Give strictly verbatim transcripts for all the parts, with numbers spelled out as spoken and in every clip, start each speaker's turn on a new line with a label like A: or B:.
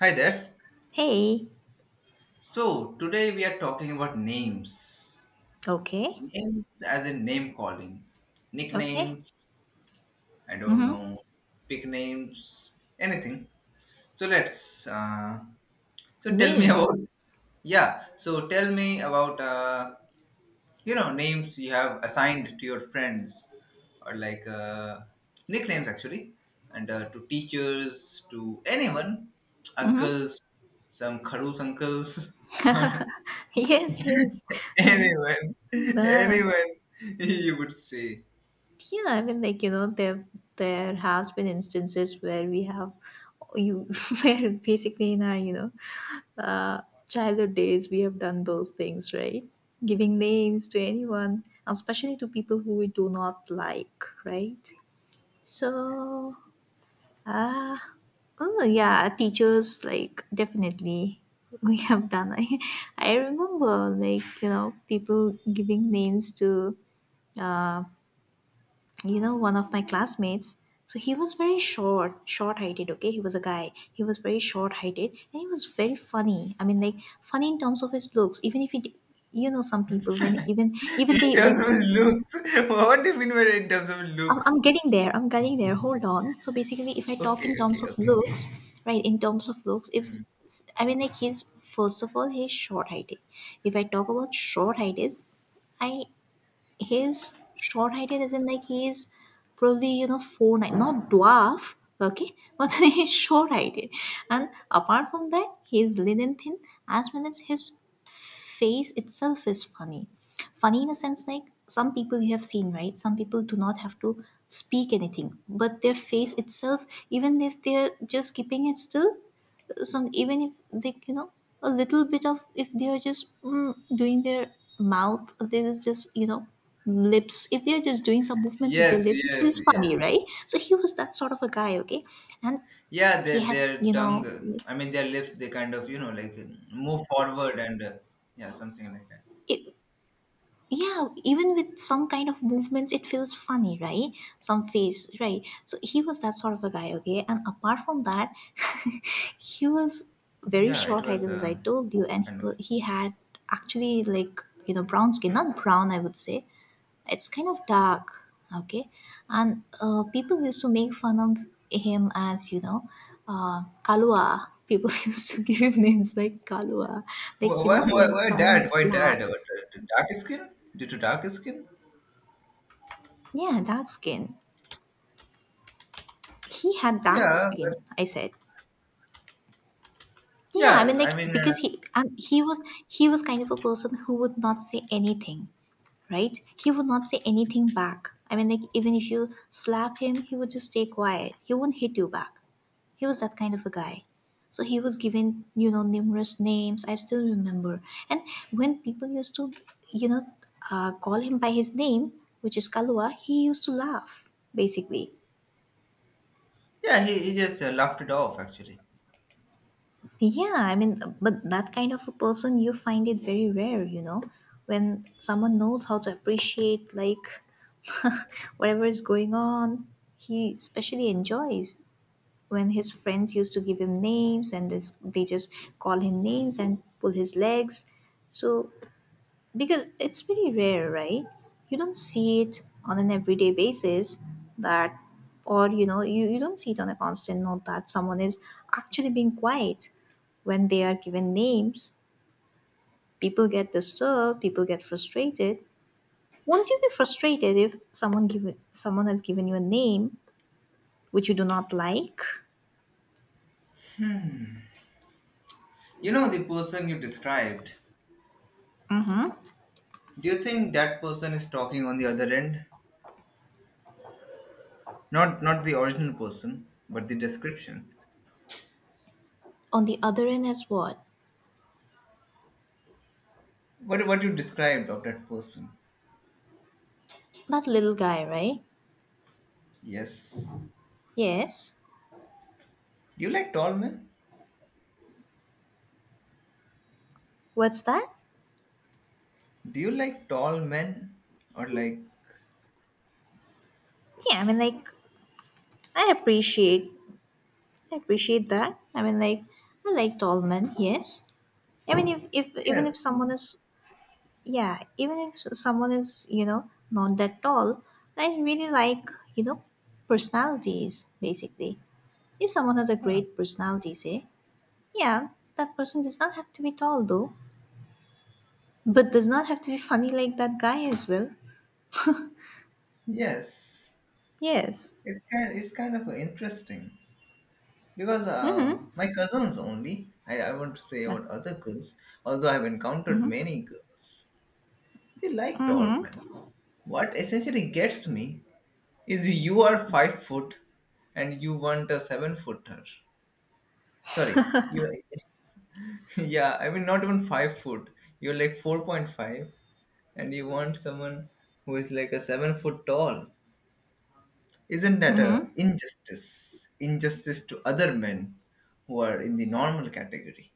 A: Hi there.
B: Hey.
A: So, today we are talking about names.
B: Okay.
A: Names as in name calling,
B: Okay.
A: nicknames, I don't
B: Mhm.
A: know, pick names, anything. So, let's uh so tell me
B: Names.
A: about yeah, so tell me about uh you know names you have assigned to your friends, or like uh nicknames actually, and uh, to teachers, to anyone,
B: Mhm.
A: uncles, some kharus uncles or
B: Yes, yes.
A: Anyone,
B: Uh,
A: anyone, you would say.
B: yeah, I mean, like, you know, there there has been instances where we have you where basically in our, you know, uh, childhood days we have done those things, right? Giving names to anyone, especially to people who we do not like, right? So Ah, oh yeah, teachers like definitely we have done. I, I remember like you know people giving names to, uh, you know one of my classmates. So he was very short, short heighted. Okay, he was a guy. He was very short heighted, and he was very funny. I mean, like funny in terms of his looks. Even if he, d- you know, some people when even even
A: In
B: they
A: terms
B: when
A: of his looks, what do you mean by in terms of
B: I'm, I'm
A: looks?
B: getting there. I'm getting there. Hold on. So basically, if I talk
A: Okay,
B: in terms
A: okay,
B: of
A: okay.
B: looks, right? In terms of looks, if
A: Mm.
B: s- I mean like he's first of all he's short height. If I talk about short height is, I his short height is as in like he's probably you know four nine, not dwarf, okay, but he's short heighted. And apart from that, he's lean and thin, as well as his face itself is funny. Funny in a sense like some people you have seen, right? Some people do not have to speak anything, but their face itself, even if they're just keeping it still, some even if they you know a little bit of if they are just mm, doing their mouth they is just you know lips if they are just doing some movement with their
A: Yes,
B: lips it
A: yes,
B: feels
A: yes.
B: funny, right. So he was that sort of a guy. Okay, and
A: Yeah,
B: he
A: their
B: had
A: their
B: you
A: tongue.
B: know
A: uh, I mean, their lips. They kind of you know like uh, move forward, and uh, yeah, something like that.
B: it, yeah, even with some kind of movements it feels funny, right. Some face, right. So he was that sort of a guy. Okay, and apart from that, he was very
A: Yeah, it
B: short height
A: was
B: as I
A: uh,
B: told you, and he,
A: kind of.
B: wa- he had actually like you know brown skin, not brown, I would say it's kind of dark. Okay, and uh, people used to make fun of him as you know uh, kalua. People used to give him names like kalua, like
A: Wh-
B: you
A: Why,
B: know
A: why,
B: when
A: why
B: someone
A: dad?
B: is
A: Why dad?
B: black.
A: What, uh, dark skin? Due to dark skin?
B: Yeah, dark skin. He had dark
A: Yeah, but,
B: skin. I said, yeah. I
A: yeah.
B: mean, like
A: I mean, uh,
B: because he um, he was he was kind of a person who would not say anything, right? He would not say anything back. I mean, like even if you slap him, he would just stay quiet. He will not hit you back. He was that kind of a guy. So he was given, you know, numerous names. I still remember. And when people used to, you know, uh, call him by his name, which is Kalua, he used to laugh, basically.
A: yeah. He he just uh, laughed it off actually.
B: Yeah, I mean, but that kind of a person, you find it very rare, you know, when someone knows how to appreciate, like, whatever is going on, he especially enjoys when his friends used to give him names, and this, they just call him names and pull his legs. So because it's very rare, right. You don't see it on an everyday basis, that or you know you, you don't see it on a constant note that someone is actually being quiet when they are given names. People get disturbed, people get frustrated. Won't you be frustrated if someone give someone has given you a name which you do not like?
A: You know the person you described.
B: Mm-hmm.
A: Do you think that person is talking on the other end? Not not the original person, but the description.
B: On the other end as what?
A: What what you described of that person?
B: That little guy, right?
A: Yes.
B: Yes.
A: Do you like tall men?
B: What's that?
A: Do you like tall men? Or like,
B: Yeah, I mean like i appreciate I appreciate that. I mean, like, I like tall men, yes. I mean, if, if even
A: yes,
B: if someone is, yeah, even if someone is, you know, not that tall, I really like, you know, personalities, basically. If someone has a great personality, say, yeah, that person does not have to be tall, though, but does not have to be funny like that guy as well.
A: yes.
B: Yes.
A: It's kind it's kind of interesting because uh, my cousins only. I I want to say
B: Yeah.
A: about other girls, although I've encountered many girls. They like tall men. What essentially gets me is you are five foot and you want a seven footer. Sorry, you yeah, I mean not even five foot. You're like four point five, and you want someone who is like a seven foot tall. Isn't that
B: Mm-hmm.
A: a injustice? Injustice to other men who are in the normal category.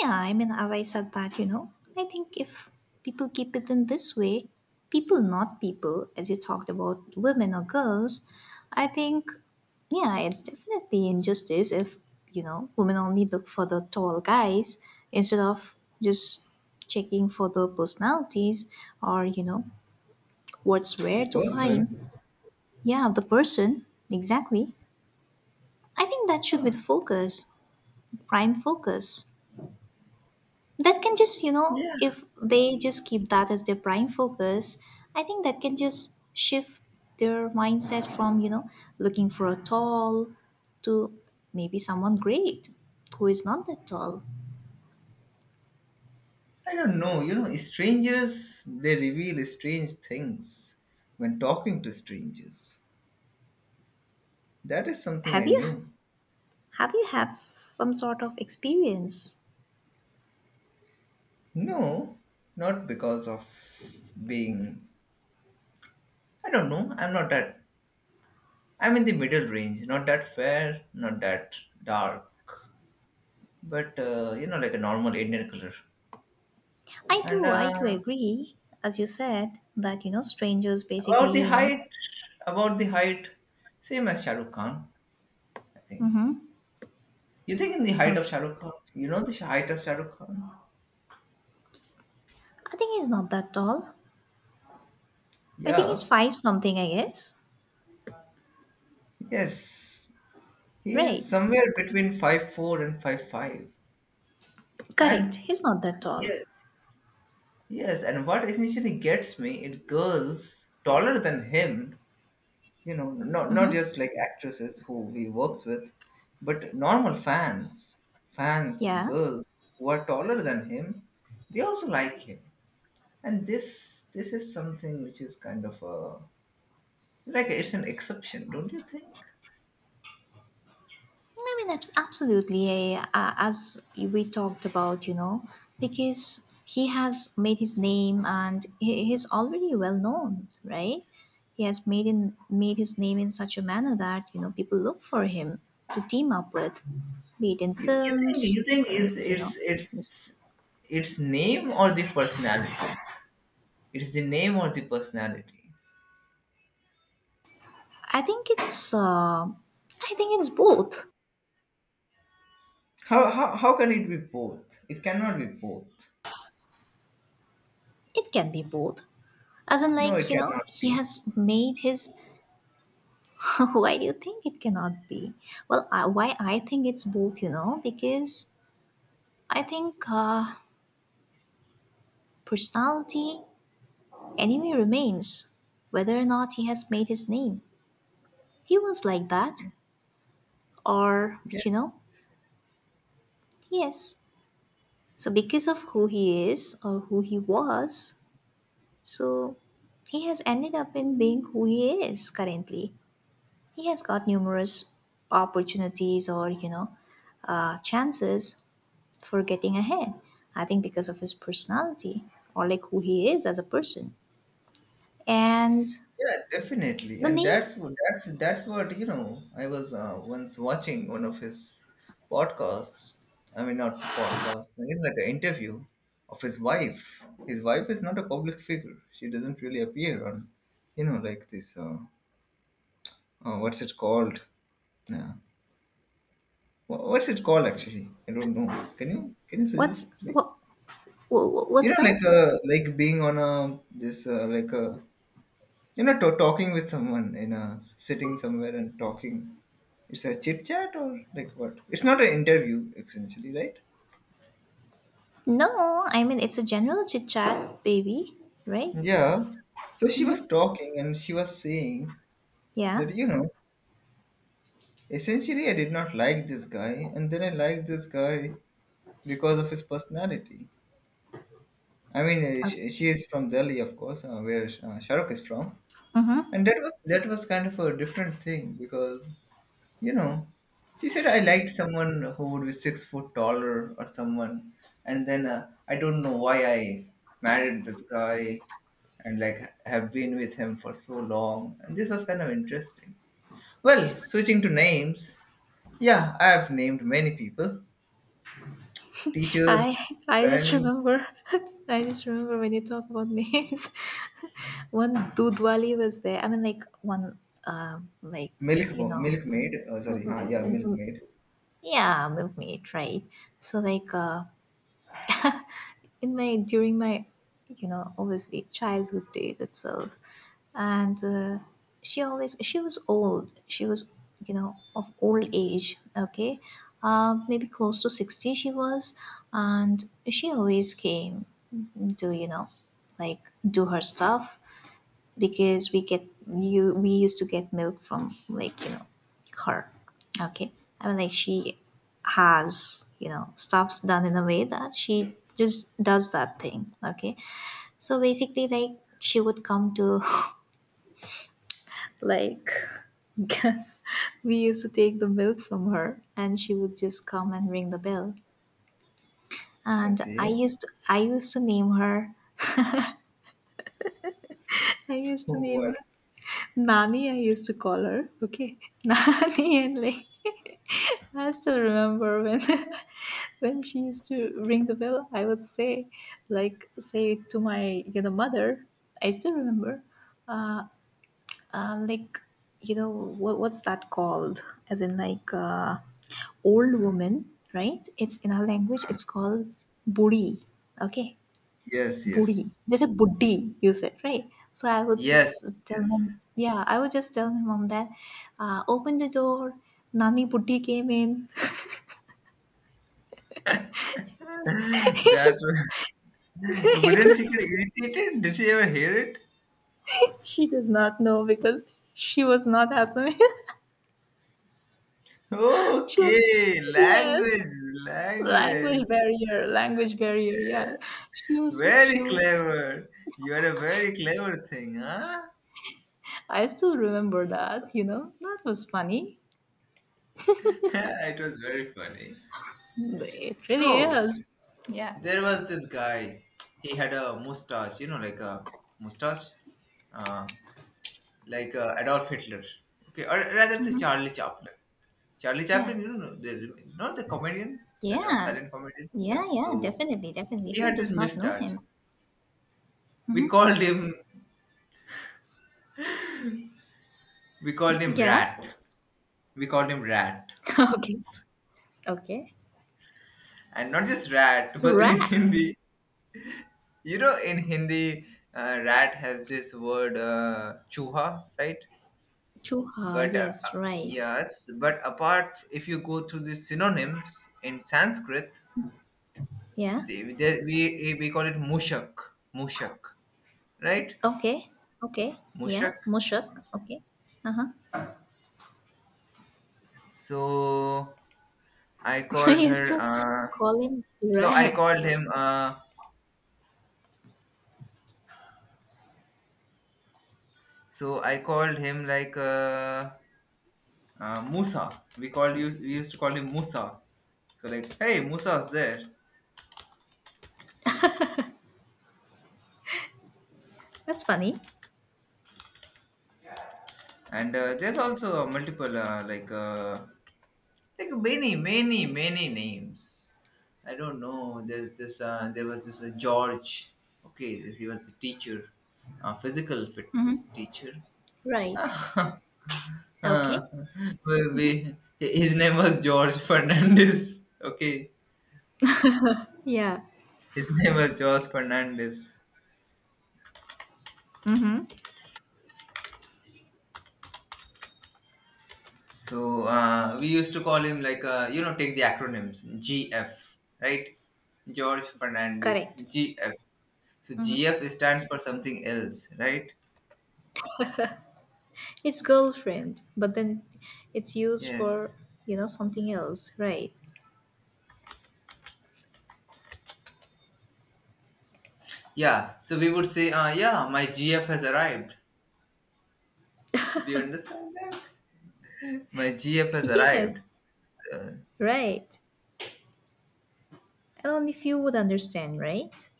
B: Yeah, I mean, as I said that, you know, I think if people keep it in this way, people, not people, as you talked about women or girls, I think, yeah, it's definitely injustice if, you know, women only look for the tall guys instead of just checking for the personalities or, you know, what's where
A: The
B: to
A: person.
B: find. Yeah, the person, exactly. I think that should be
A: Huh.
B: the focus, prime focus. That can just you know
A: Yeah,
B: if they just keep that as their prime focus, I think that can just shift their mindset from you know looking for a tall to maybe someone great who is not that tall.
A: I don't know. You know, strangers, they reveal strange things when talking to strangers. That is something
B: have
A: I
B: you
A: knew.
B: have you had some sort of experience?
A: No, not because of being. I don't know. I'm not that. I'm in the middle range. Not that fair, not that dark, but uh, you know, like a normal Indian color.
B: i
A: And
B: too I too
A: uh,
B: agree. As you said that, you know strangers,
A: about
B: basically,
A: the
B: you know
A: height, about the height, same as Shah Rukh Khan, I think.
B: mm-hmm.
A: You think in the height of
B: Okay,
A: Shah Rukh Khan? You know the sh- height of Shah Rukh Khan?
B: I think he's not that tall. I think he's
A: Yeah.
B: five something, I guess.
A: Yes. He is
B: Right.
A: somewhere between five four and five five.
B: Correct,
A: And
B: he's not that tall.
A: yes. Yes, and what essentially gets me it girls taller than him, you know, not not just like actresses who he works with, but normal fans, fans,
B: Yeah.
A: girls who are taller than him, they also like him. And this this is something which is kind of a like it's an exception, don't you think?
B: No, I mean, abs- absolutely. Eh, Uh, as we talked about, you know, because he has made his name, and he, he's already well known, right? He has made in made his name in such a manner that you know people look for him to team up with, be it in
A: You you think
B: films,
A: you think
B: or
A: it,
B: you
A: it's
B: know. mis-
A: it's it's name or the personality? It's the name or the personality?
B: I think it's uh, I think it's both.
A: How, how, how can it be both? It cannot be both.
B: It can be both. As in,
A: No,
B: like
A: it
B: you know,
A: cannot
B: he
A: be.
B: has made his. Why do you think it cannot be? Well, I, why I think it's both, you know, because I think uh, personality anyway remains, whether or not he has made his name. He was like that, or,
A: Yes.
B: you know, yes. So, because of who he is or who he was, so he has ended up in being who he is currently. He has got numerous opportunities or, you know, uh, chances for getting ahead. I think because of his personality or like who he is as a person. And
A: Yeah, definitely.
B: the
A: And
B: name,
A: that's what that's that's what you know. I was uh, once watching one of his podcasts. I mean, not a podcast. I mean, like an interview of his wife. His wife is not a public figure. She doesn't really appear on, you know, like this. Uh, uh, what's it called? Uh, wha- what's it called actually? I don't know. Can you can you suggest?
B: what's
A: Like,
B: what,
A: you
B: what's
A: know,
B: that?
A: like uh, like being on a this uh, like a you know to- talking with someone in a sitting somewhere and talking, it's a chit chat or like what, it's not an interview essentially, right?
B: No, I mean it's a general chit chat, baby, right?
A: Yeah, so she was talking, and she was saying
B: Yeah.
A: that, you know, essentially I did not like this guy, and then I liked this guy because of his personality. I mean uh,
B: Uh,
A: she, she is from Delhi, of course, uh, where uh, Shahrukh is from,
B: Mm-hmm.
A: and that was that was kind of a different thing because, you know, she said I liked someone who would be six foot taller or someone, and then uh, I don't know why I married this guy and like have been with him for so long. And this was kind of interesting. Well, switching to names, yeah, I have named many people,
B: I
A: teachers,
B: I just
A: friends,
B: remember I just remember when you talk about names. One Dudwali was there. I mean, like one, um, like
A: milk
B: you know,
A: milkmaid. Oh, sorry, huh? Yeah, milkmaid.
B: yeah, milkmaid, right? So like, uh, in my during my, you know, obviously childhood days itself, and uh, she always she was old. She was you know of old age. Okay, uh, maybe close to sixty she was, and she always came to you know, like do her stuff because we get you we used to get milk from like you know her. Okay, I mean like she has you know stuffs done in a way that she just does that thing. Okay, so basically like she would come to like we used to take the milk from her, and she would just come and ring the bell, and i
A: Okay.
B: used to I used to name her. I used to name her
A: What?
B: Nani, I used to call her, okay? Nani, and like, I still remember when when she used to ring the bell, I would say, like, say to my, you know, mother, I still remember, uh, uh, like, you know, what, what's that called? As in, like, uh, old woman, right? It's in our language, it's called buri, okay?
A: Yes,
B: Budi,
A: yes,
B: just a "Buddi," you said, right? So I would just
A: yes,
B: tell
A: yes.
B: him, yeah, I would just tell my mom that, uh, open the door, Nani Buddi came in. It
A: that.
B: was- it
A: Wouldn't she
B: was-
A: get irritated? Did she ever hear it?
B: she does not know because she was not Assamese. She was,
A: Okay,
B: yes,
A: language,
B: language
A: language.
B: barrier, language barrier, yeah. She was, she
A: Very
B: was,
A: clever. You are a very clever thing, huh?
B: I still remember that, you know, that was funny.
A: it was very funny.
B: It really
A: So,
B: is. Yeah.
A: there was this guy. He had a mustache, you know, like a mustache, uh, like uh, Adolf Hitler. Okay, or rather, say Charlie Chaplin. Charlie
B: Yeah.
A: Chaplin, you know, the, you know, the comedian, that uh,
B: Yeah.
A: silent comedian.
B: Yeah,
A: Yeah.
B: yeah,
A: So
B: definitely, definitely.
A: he
B: Who
A: had this
B: does not know
A: mustache.
B: him?
A: We called him We called him
B: Yeah.
A: Rat. We called him Rat,
B: okay. Okay.
A: and not just Rat, but in
B: Rat.
A: Hindi, you know, in Hindi, uh, Rat has this word uh, chuha, right?
B: Chuha.
A: But uh, uh,
B: Yes, right.
A: yes, but apart, if you go through the synonyms in Sanskrit,
B: Yeah.
A: they, they, we we call it mushak, mushak, right?
B: Okay. Okay. Yeah.
A: Mushak.
B: Mushuk. Okay. Uh huh.
A: So I
B: I
A: called
B: used
A: her.
B: to
A: Uh,
B: call him
A: so I
B: Rat.
A: called him. Uh, so I called him like. Uh, uh, Musa. We called you. We used to call him Musa. So like, hey, Musa's there.
B: That's funny.
A: And uh, there's also multiple uh, like uh, like many, many, many names. I don't know. There's this. Uh, there was this uh, George. Okay, he was the teacher, uh, physical fitness
B: Mm-hmm.
A: teacher.
B: Right.
A: Uh,
B: Okay.
A: we, we- his name was George Fernandez. Okay,
B: Yeah.
A: his name was George Fernandez.
B: Mm-hmm.
A: So uh, we used to call him like uh, you know, take the acronyms G F, right? George Fernandez,
B: Correct.
A: G F. So G F stands for something else, right?
B: It's girlfriend, but then it's used
A: Yes.
B: for, you know, something else. Right.
A: Yeah. So we would say, uh, yeah, my G F has arrived. Do you understand that? My G F has
B: Yes.
A: arrived. Uh,
B: Right. Only few would understand, right?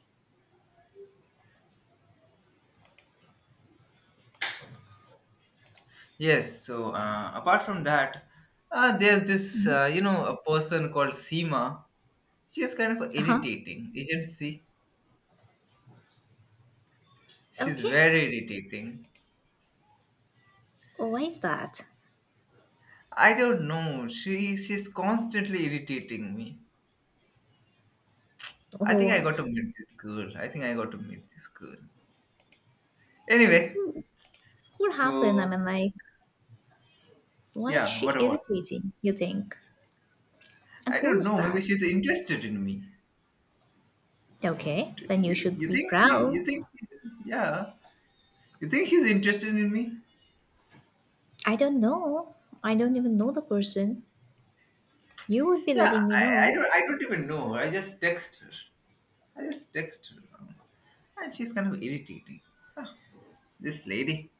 A: yes. So uh, apart from that, uh, there's this uh, you know, a person called Seema. She is kind of
B: Uh-huh.
A: irritating. You can see she's
B: Okay.
A: very irritating.
B: Why is that?
A: I don't know. She she's constantly irritating me. I think I
B: Oh,
A: got to meet this girl. I think I got to meet this girl. Anyway,
B: what happened? I
A: so
B: mean, like, why is
A: yeah,
B: she
A: what about?
B: irritating, you think? And
A: I
B: who
A: don't
B: is
A: know. Maybe
B: that?
A: she's interested in me.
B: Okay,
A: Do
B: then you
A: You
B: should
A: you
B: be
A: think she?
B: proud.
A: You think? She, yeah. You think she's interested in me?
B: I don't know. I don't even know the person. You would be
A: Yeah.
B: letting me
A: I,
B: know.
A: I don't. I don't even know. I just text her. I just text her, and she's kind of irritating. Ah, this lady.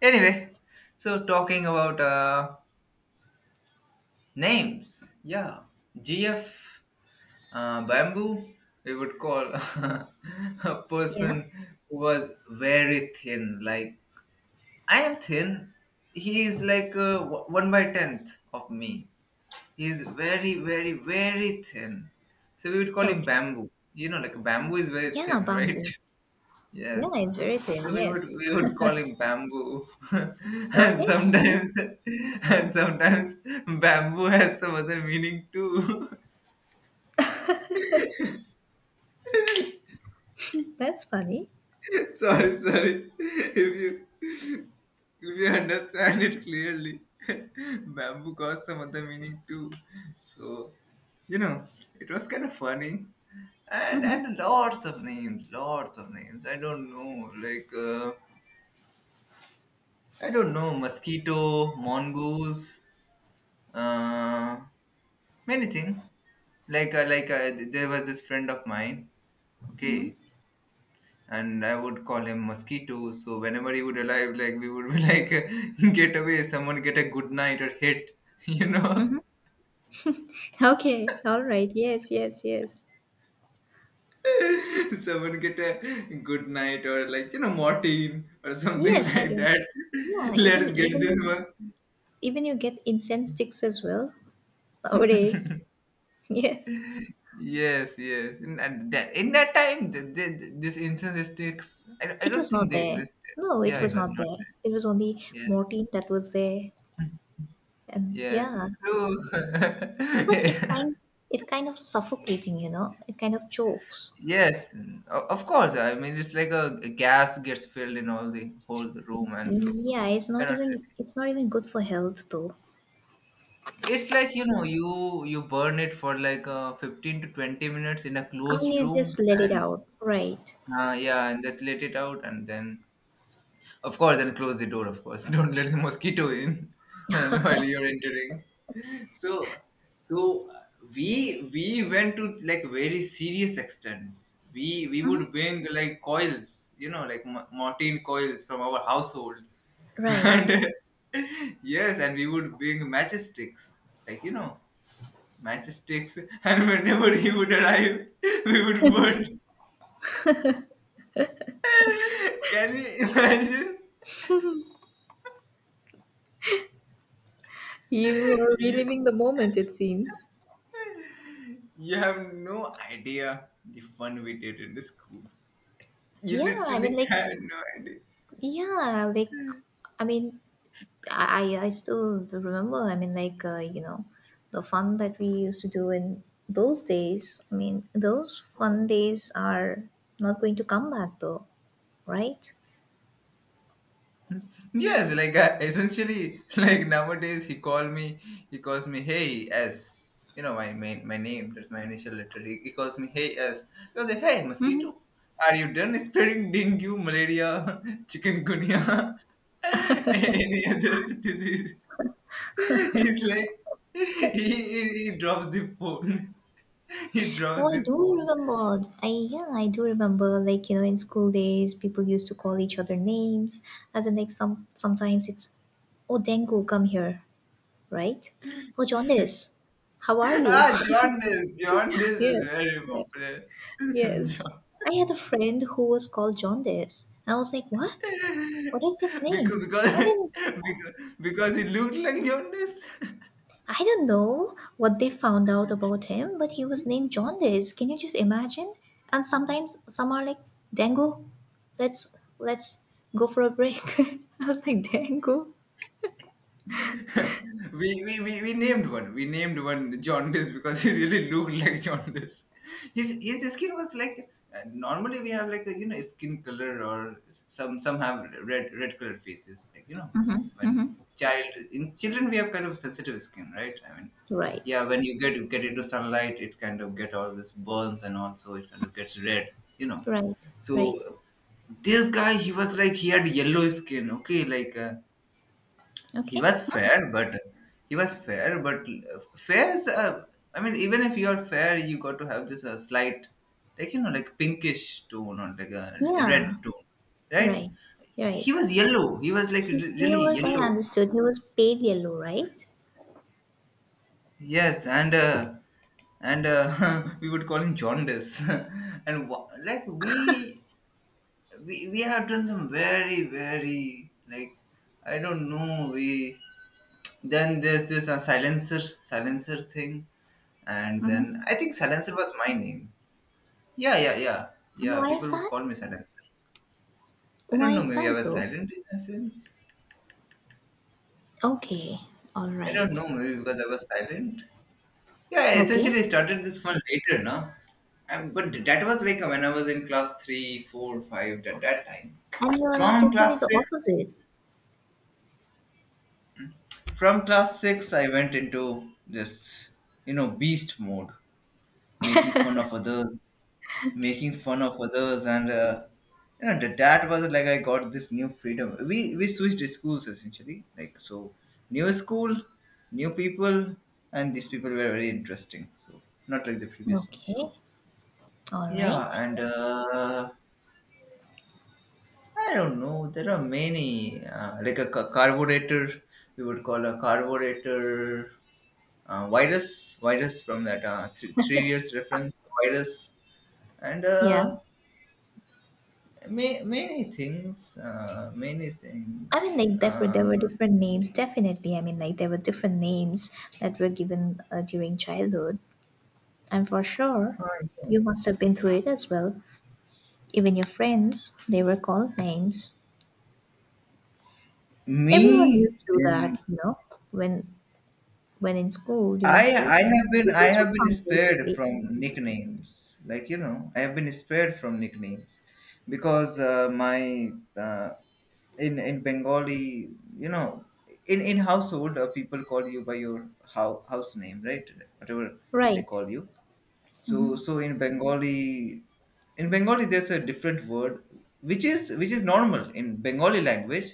A: Anyway, so talking about uh Names, yeah. G F, uh, Bamboo, we would call a
B: Yeah.
A: person who was very thin. Like, I am thin. He is like uh, o- one by tenth of me. He is very, very, very thin. So we would call him
B: Okay.
A: Bamboo. You know, like bamboo is very
B: Yeah,
A: thin, right?
B: bamboo. Yeah,
A: Yes.
B: it's very thin.
A: So we would
B: Yes.
A: we would call him bamboo, and
B: Okay.
A: sometimes and sometimes bamboo has some other meaning too.
B: That's funny.
A: sorry, sorry. If you if you understand it clearly, bamboo got some other meaning too. So, you know, it was kind of funny. And and lots of names, lots of names. I don't know, like uh, I don't know, mosquito, mongoose, uh, many things. Like uh, like uh, there was this friend of mine. Okay, and I would call him mosquito. So whenever he would arrive, like we would be like, get away, someone get a good night or hit, you know,
B: Okay. All right. Yes, yes, yes.
A: someone get a good night or like you know Martin or something
B: Yes, I
A: like
B: don't.
A: that.
B: Yeah, even
A: Let's get
B: even
A: this
B: you
A: one.
B: Even you get incense sticks as well nowadays. Yes.
A: yes, yes, in and that in that time, th th this incense sticks. I, I
B: It
A: don't
B: was
A: think
B: not
A: they
B: there.
A: existed.
B: No, it
A: Yeah,
B: was
A: it was
B: not
A: not
B: there. It
A: there.
B: was only
A: Yes,
B: morphine that was there. And
A: yes.
B: yeah.
A: So
B: But it kind it kind of suffocating, you know. It kind of chokes.
A: yes, mm, o- of course. I mean, it's like a, a gas gets filled in all the whole the room, and
B: Mm, yeah, it's
A: you
B: not
A: cannot.
B: even
A: Really-
B: it's not even good for health though.
A: It's like, you know, you you burn it for like uh, fifteen to twenty minutes in a
B: And
A: closed
B: you
A: room,
B: just let it
A: and
B: out. Right.
A: uh, yeah, and just let it out, and then, of course, and close the door, of course. Don't let the mosquito in and while you're entering. So, so uh, we we went to like very serious extents. We we would bring like coils, you know, like mo- Martin coils from our household,
B: Right.
A: and yes, and we would bring matchsticks, like you know, matchsticks. And whenever he would arrive, we would burn. Can you imagine?
B: You are
A: You-
B: reliving the moment, it seems.
A: You have no idea the fun we did in the school. You
B: Yeah, I mean
A: literally
B: like
A: had no idea.
B: yeah, like I mean I, I I still remember. I mean, like uh, you know, the fun that we used to do in those days. I mean, those fun days are not going to come back, though, right?
A: Yes, like uh, essentially, like nowadays he call me, he calls me, hey S. You know my main my name. That's my initial letter. He, he calls me, hey S. was like, hey mosquito, are you done spreading dengue, malaria, chikungunya, any other disease? He's like, he, he, he drops the phone. He
B: Oh,
A: drops
B: I
A: the
B: do
A: phone.
B: remember. I yeah, I do remember. Like you know, in school days, people used to call each other names. As in, like some sometimes it's, oh, Dengue, come here, right? Oh, jaundice, how are you?
A: Ah, jaundice. Jaundice is
B: Yes.
A: very
B: Yeah.
A: popular.
B: Yes.
A: Jaun-
B: I had a friend who was called Jaundice. I was like, what? What is this
A: because
B: name?
A: because
B: I mean,
A: because because it looked like jaundice.
B: I don't know what they found out about him, but he was named Jaundice. Can you just imagine? And sometimes some are like, Dango, let's let's go for a break. I was like, Dango.
A: we, we, we, we named one. We named one jaundice because he really looked like jaundice. His his skin was like uh, normally we have like a, you know, skin color. Or some some have red red colored faces, like you know, when child in children we have kind of sensitive skin, right? I mean,
B: Right.
A: yeah, when you get get into sunlight it kind of get all these burns, and also it kind of gets red, you know.
B: Right.
A: So
B: Right.
A: this guy, he was like, he had yellow skin, okay, like uh, he
B: Okay.
A: was fair, but he was fair but uh, fair is uh, I mean, even if you are fair you got to have this uh, slight, like you know, like pinkish tone, or like a red
B: Yeah.
A: tone, right?
B: Right. Right.
A: He was yellow, he was like
B: He,
A: re-
B: he
A: really
B: was I
A: yellow.
B: understood. He was pale yellow, right?
A: Yes, and uh, and uh, we would call him jaundice. And wha- like we we we have done some very very like, I don't know, we, then there's this uh, silencer, silencer thing And then I think Silencer was my name. Yeah, yeah, yeah.
B: And
A: Yeah,
B: why
A: people
B: is
A: would
B: that?
A: call me Silencer. I don't
B: Why
A: know,
B: is
A: maybe I
B: that
A: was
B: though?
A: silent in a sense.
B: Okay, all
A: I don't
B: right.
A: know, maybe because I was silent. Yeah,
B: Okay,
A: essentially, I started this one later, no? And but that was like when I was in class three, four, five, at that time.
B: and you are now
A: From
B: totally
A: class
B: the
A: six,
B: opposite.
A: from class six, I went into this, you know, beast mode, making fun of others, making fun of others and uh, you know, that that was like, I got this new freedom. We we switched schools essentially, like, so new school, new people, and these people were very interesting, so not like the previous one.
B: Okay,
A: So
B: all
A: yeah,
B: right.
A: and
B: Yes,
A: uh, I don't know, there are many uh, like a ca- carburetor, we would call a carburetor. uh, virus virus from that uh, three, three years reference, virus, and
B: yeah.
A: uh, Ma- many things, uh, many things.
B: I mean, like there were
A: Uh,
B: there were different names. Definitely, I mean, like there were different names that were given uh, during childhood, and for sure,
A: I know.
B: you must have been through it as well. Even your friends, they were called names. Everyone
A: Me,
B: used to do
A: in,
B: that, you know, when when in school during
A: I,
B: school
A: I
B: time.
A: have been,
B: This
A: I
B: was so
A: have been
B: fun,
A: spared
B: basically.
A: from nicknames. Like you know, I have been spared from nicknames because uh, my uh, in in Bengali, you know, in in household, uh, people call you by your house house name, right? Whatever they
B: Right,
A: call you. So so in bengali in Bengali there's a different word, which is which is normal in Bengali language,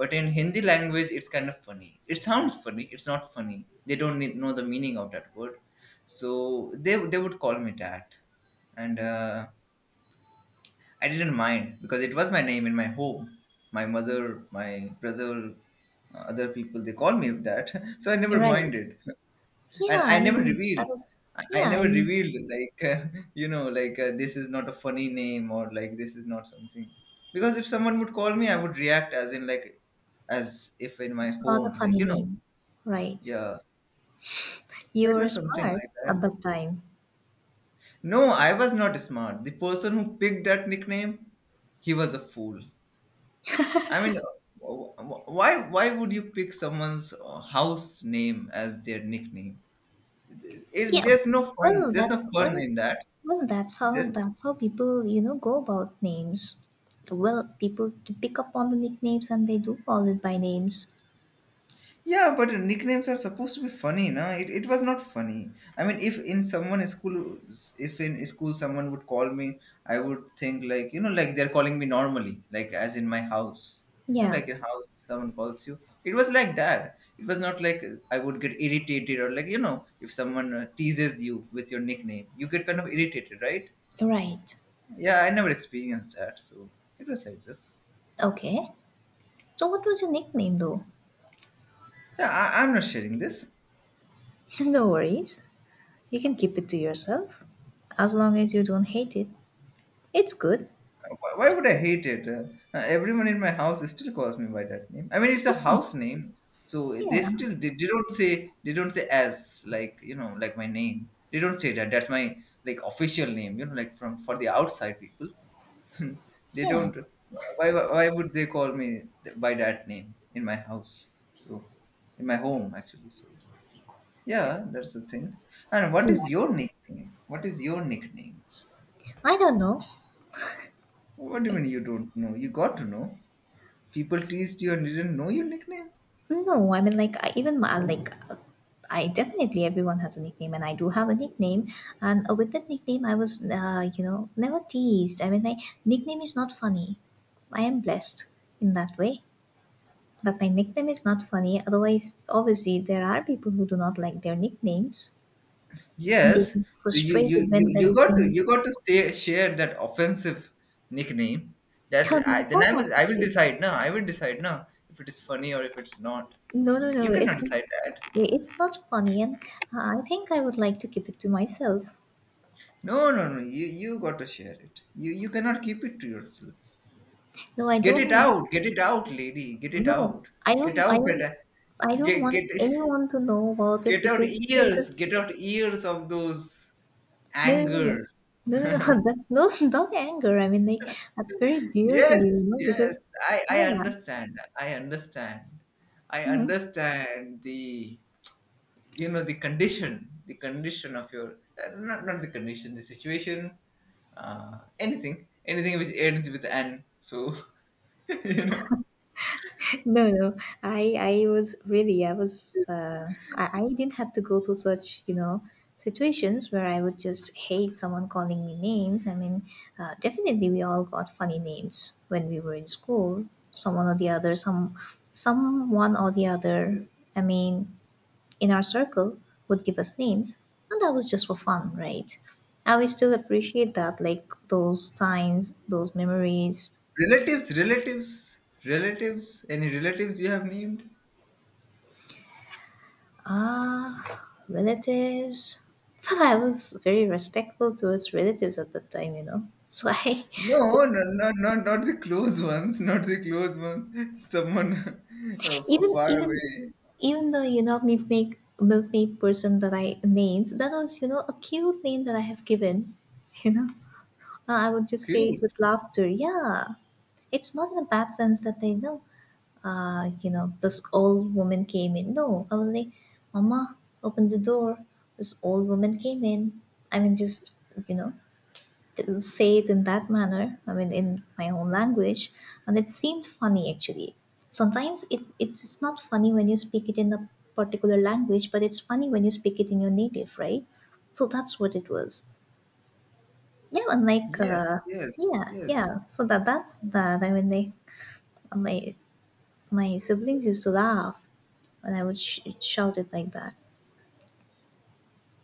A: but in Hindi language it's kind of funny, it sounds funny. It's not funny, they don't need, know the meaning of that word. So they they would call me that, and uh, I didn't mind because it was my name in my home. My mother, my brother, uh, other people, they call me that. So I never
B: right.
A: minded, and
B: Yeah,
A: I
B: I
A: never
B: mean,
A: revealed.
B: that was,
A: I I
B: yeah,
A: never
B: I-
A: revealed like, uh, you know, like uh, this is not a funny name, or like this is not something, because if someone would call me, I would react as in like, as if in my
B: It's not a
A: home, like
B: funny
A: you know.
B: name, right?
A: Yeah, so
B: You
A: it
B: were
A: was something
B: smart
A: like
B: at
A: that.
B: that time.
A: No, I was not smart. The person who picked that nickname, he was a fool. I mean, uh, wh- wh- why why would you pick someone's uh, house name as their nickname? It,
B: Yeah,
A: there's no fun.
B: well,
A: There's
B: that,
A: no fun
B: well,
A: in that.
B: well, that's how,
A: There's,
B: that's how people, you know, go about names. Well, people to pick up on the nicknames and they do call it by names.
A: yeah, but nicknames are supposed to be funny, na? It, it was not funny. I mean, if in someone school, if in school someone would call me, I would think like, you know, like they're calling me normally, like as in my house, you know,
B: Yeah,
A: like in house someone calls you. It was like that. It was not like I would get irritated, or like you know, if someone uh, teases you with your nickname, you get kind of irritated, right?
B: right.
A: Yeah, I never experienced that, so it was like this.
B: Okay. So what was your nickname though?
A: Yeah, I, I'm not sharing this.
B: No worries. You can keep it to yourself. As long as you don't hate it, it's good.
A: Why why would I hate it? Uh, everyone in my house still calls me by that name. I mean, it's a house name, so they
B: Yeah,
A: still they, they don't say, they don't say as like, you know, like my name. They don't say that. That's my like official name. You know, like from, for the outside people, they
B: yeah,
A: don't. Why why why would they call me th- by that name in my house? So in my home, actually. So yeah, that's the thing. And what
B: yeah.
A: is your nickname? What is your nickname?
B: I don't know.
A: What do you mean you don't know? You got to know. People teased you and didn't know your nickname.
B: No, I mean like I, even my like I definitely everyone has a nickname, and I do have a nickname. And uh, with that nickname, I was uh, you know never teased. I mean, my nickname is not funny. I am blessed in that way that my nickname is not funny. Otherwise, obviously, there are people who do not like their nicknames, and they
A: Yes, so
B: get
A: you you
B: frustrated
A: you,
B: when there
A: you
B: is
A: got to,
B: being.
A: you got to say, share that offensive nickname, that
B: No,
A: I,
B: that's
A: then
B: not
A: i will i will
B: offensive.
A: decide now. I will decide now if it is funny or if it's not.
B: No, no, no.
A: You cannot
B: It's not.
A: decide that.
B: It's not funny, and uh, I think I would like to keep it to myself.
A: No no no you you got to share it, you you cannot keep it to yourself.
B: No, I
A: Get it
B: don't want
A: out, get it out, lady, get it
B: no,
A: out.
B: I
A: Get
B: don't I
A: out that
B: don't
A: uh,
B: I don't
A: get
B: want
A: get
B: anyone to know about it
A: get out
B: because, you know, it is
A: ears, get out ears of those
B: no, no, no.
A: anger.
B: No, no, no, no, that's no not anger. I mean, like, that's very dear to
A: Yes,
B: me, you know,
A: yes,
B: because
A: I, I
B: yeah.
A: understand. I understand. I
B: Mhm.
A: understand the, you know, the condition, the condition of your uh, not not the condition, the situation, uh, anything, anything which ends with an. So you know,
B: No, no. I I was really I was uh, I I didn't have to go through such you know situations where I would just hate someone calling me names. I mean, uh, definitely we all got funny names when we were in school. Someone or the other, some someone or the other. I mean, in our circle would give us names, and that was just for fun, right? I will still appreciate that, like those times, those memories.
A: relatives, relatives, relatives. Any relatives you have named?
B: Ah, relatives. Well, I was very respectful towards relatives at that time, you know. So I,
A: No, no, no, no, not the close ones, not the close ones. Someone uh, far,
B: even
A: far
B: even
A: away.
B: even the you know milkmaid milkmaid person that I named, that was you know a cute name that I have given, you know. Uh, I would just say it
A: Cute.
B: with laughter. Yeah, it's not in a bad sense that they know. Uh, you know, this old woman came in. No, I was like, Mama, open the door. This old woman came in. I mean, just you know, t- say it in that manner. I mean, in my own language, and it seemed funny actually. Sometimes it, it's it's not funny when you speak it in a particular language, but it's funny when you speak it in your native, right? So that's what it was. Yeah, and like
A: Yes,
B: uh,
A: yes,
B: yeah,
A: yes.
B: yeah. So that that's that. I mean, they My my siblings used to laugh when I would sh- shout it like that.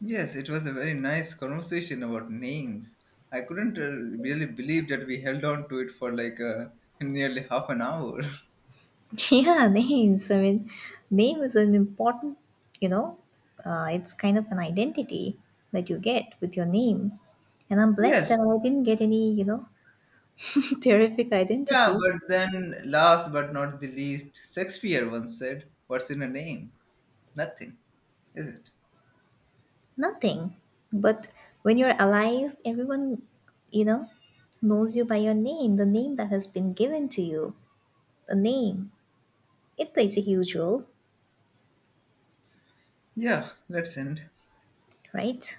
A: Yes, it was a very nice conversation about names. I couldn't uh, really believe that we held on to it for like uh, nearly half an hour.
B: Yeah, names. I mean, name is an important. You know, uh, it's kind of an identity that you get with your name, and I'm blessed
A: Yes,
B: that I didn't get any. You know, terrific
A: yeah,
B: identity.
A: but then last but not the least, Shakespeare once said, what's in a name? Nothing, is it?
B: Nothing. But when you're alive, everyone, you know, knows you by your name, the name that has been given to you. The name, it plays a huge role,
A: Yeah, let's end.
B: right?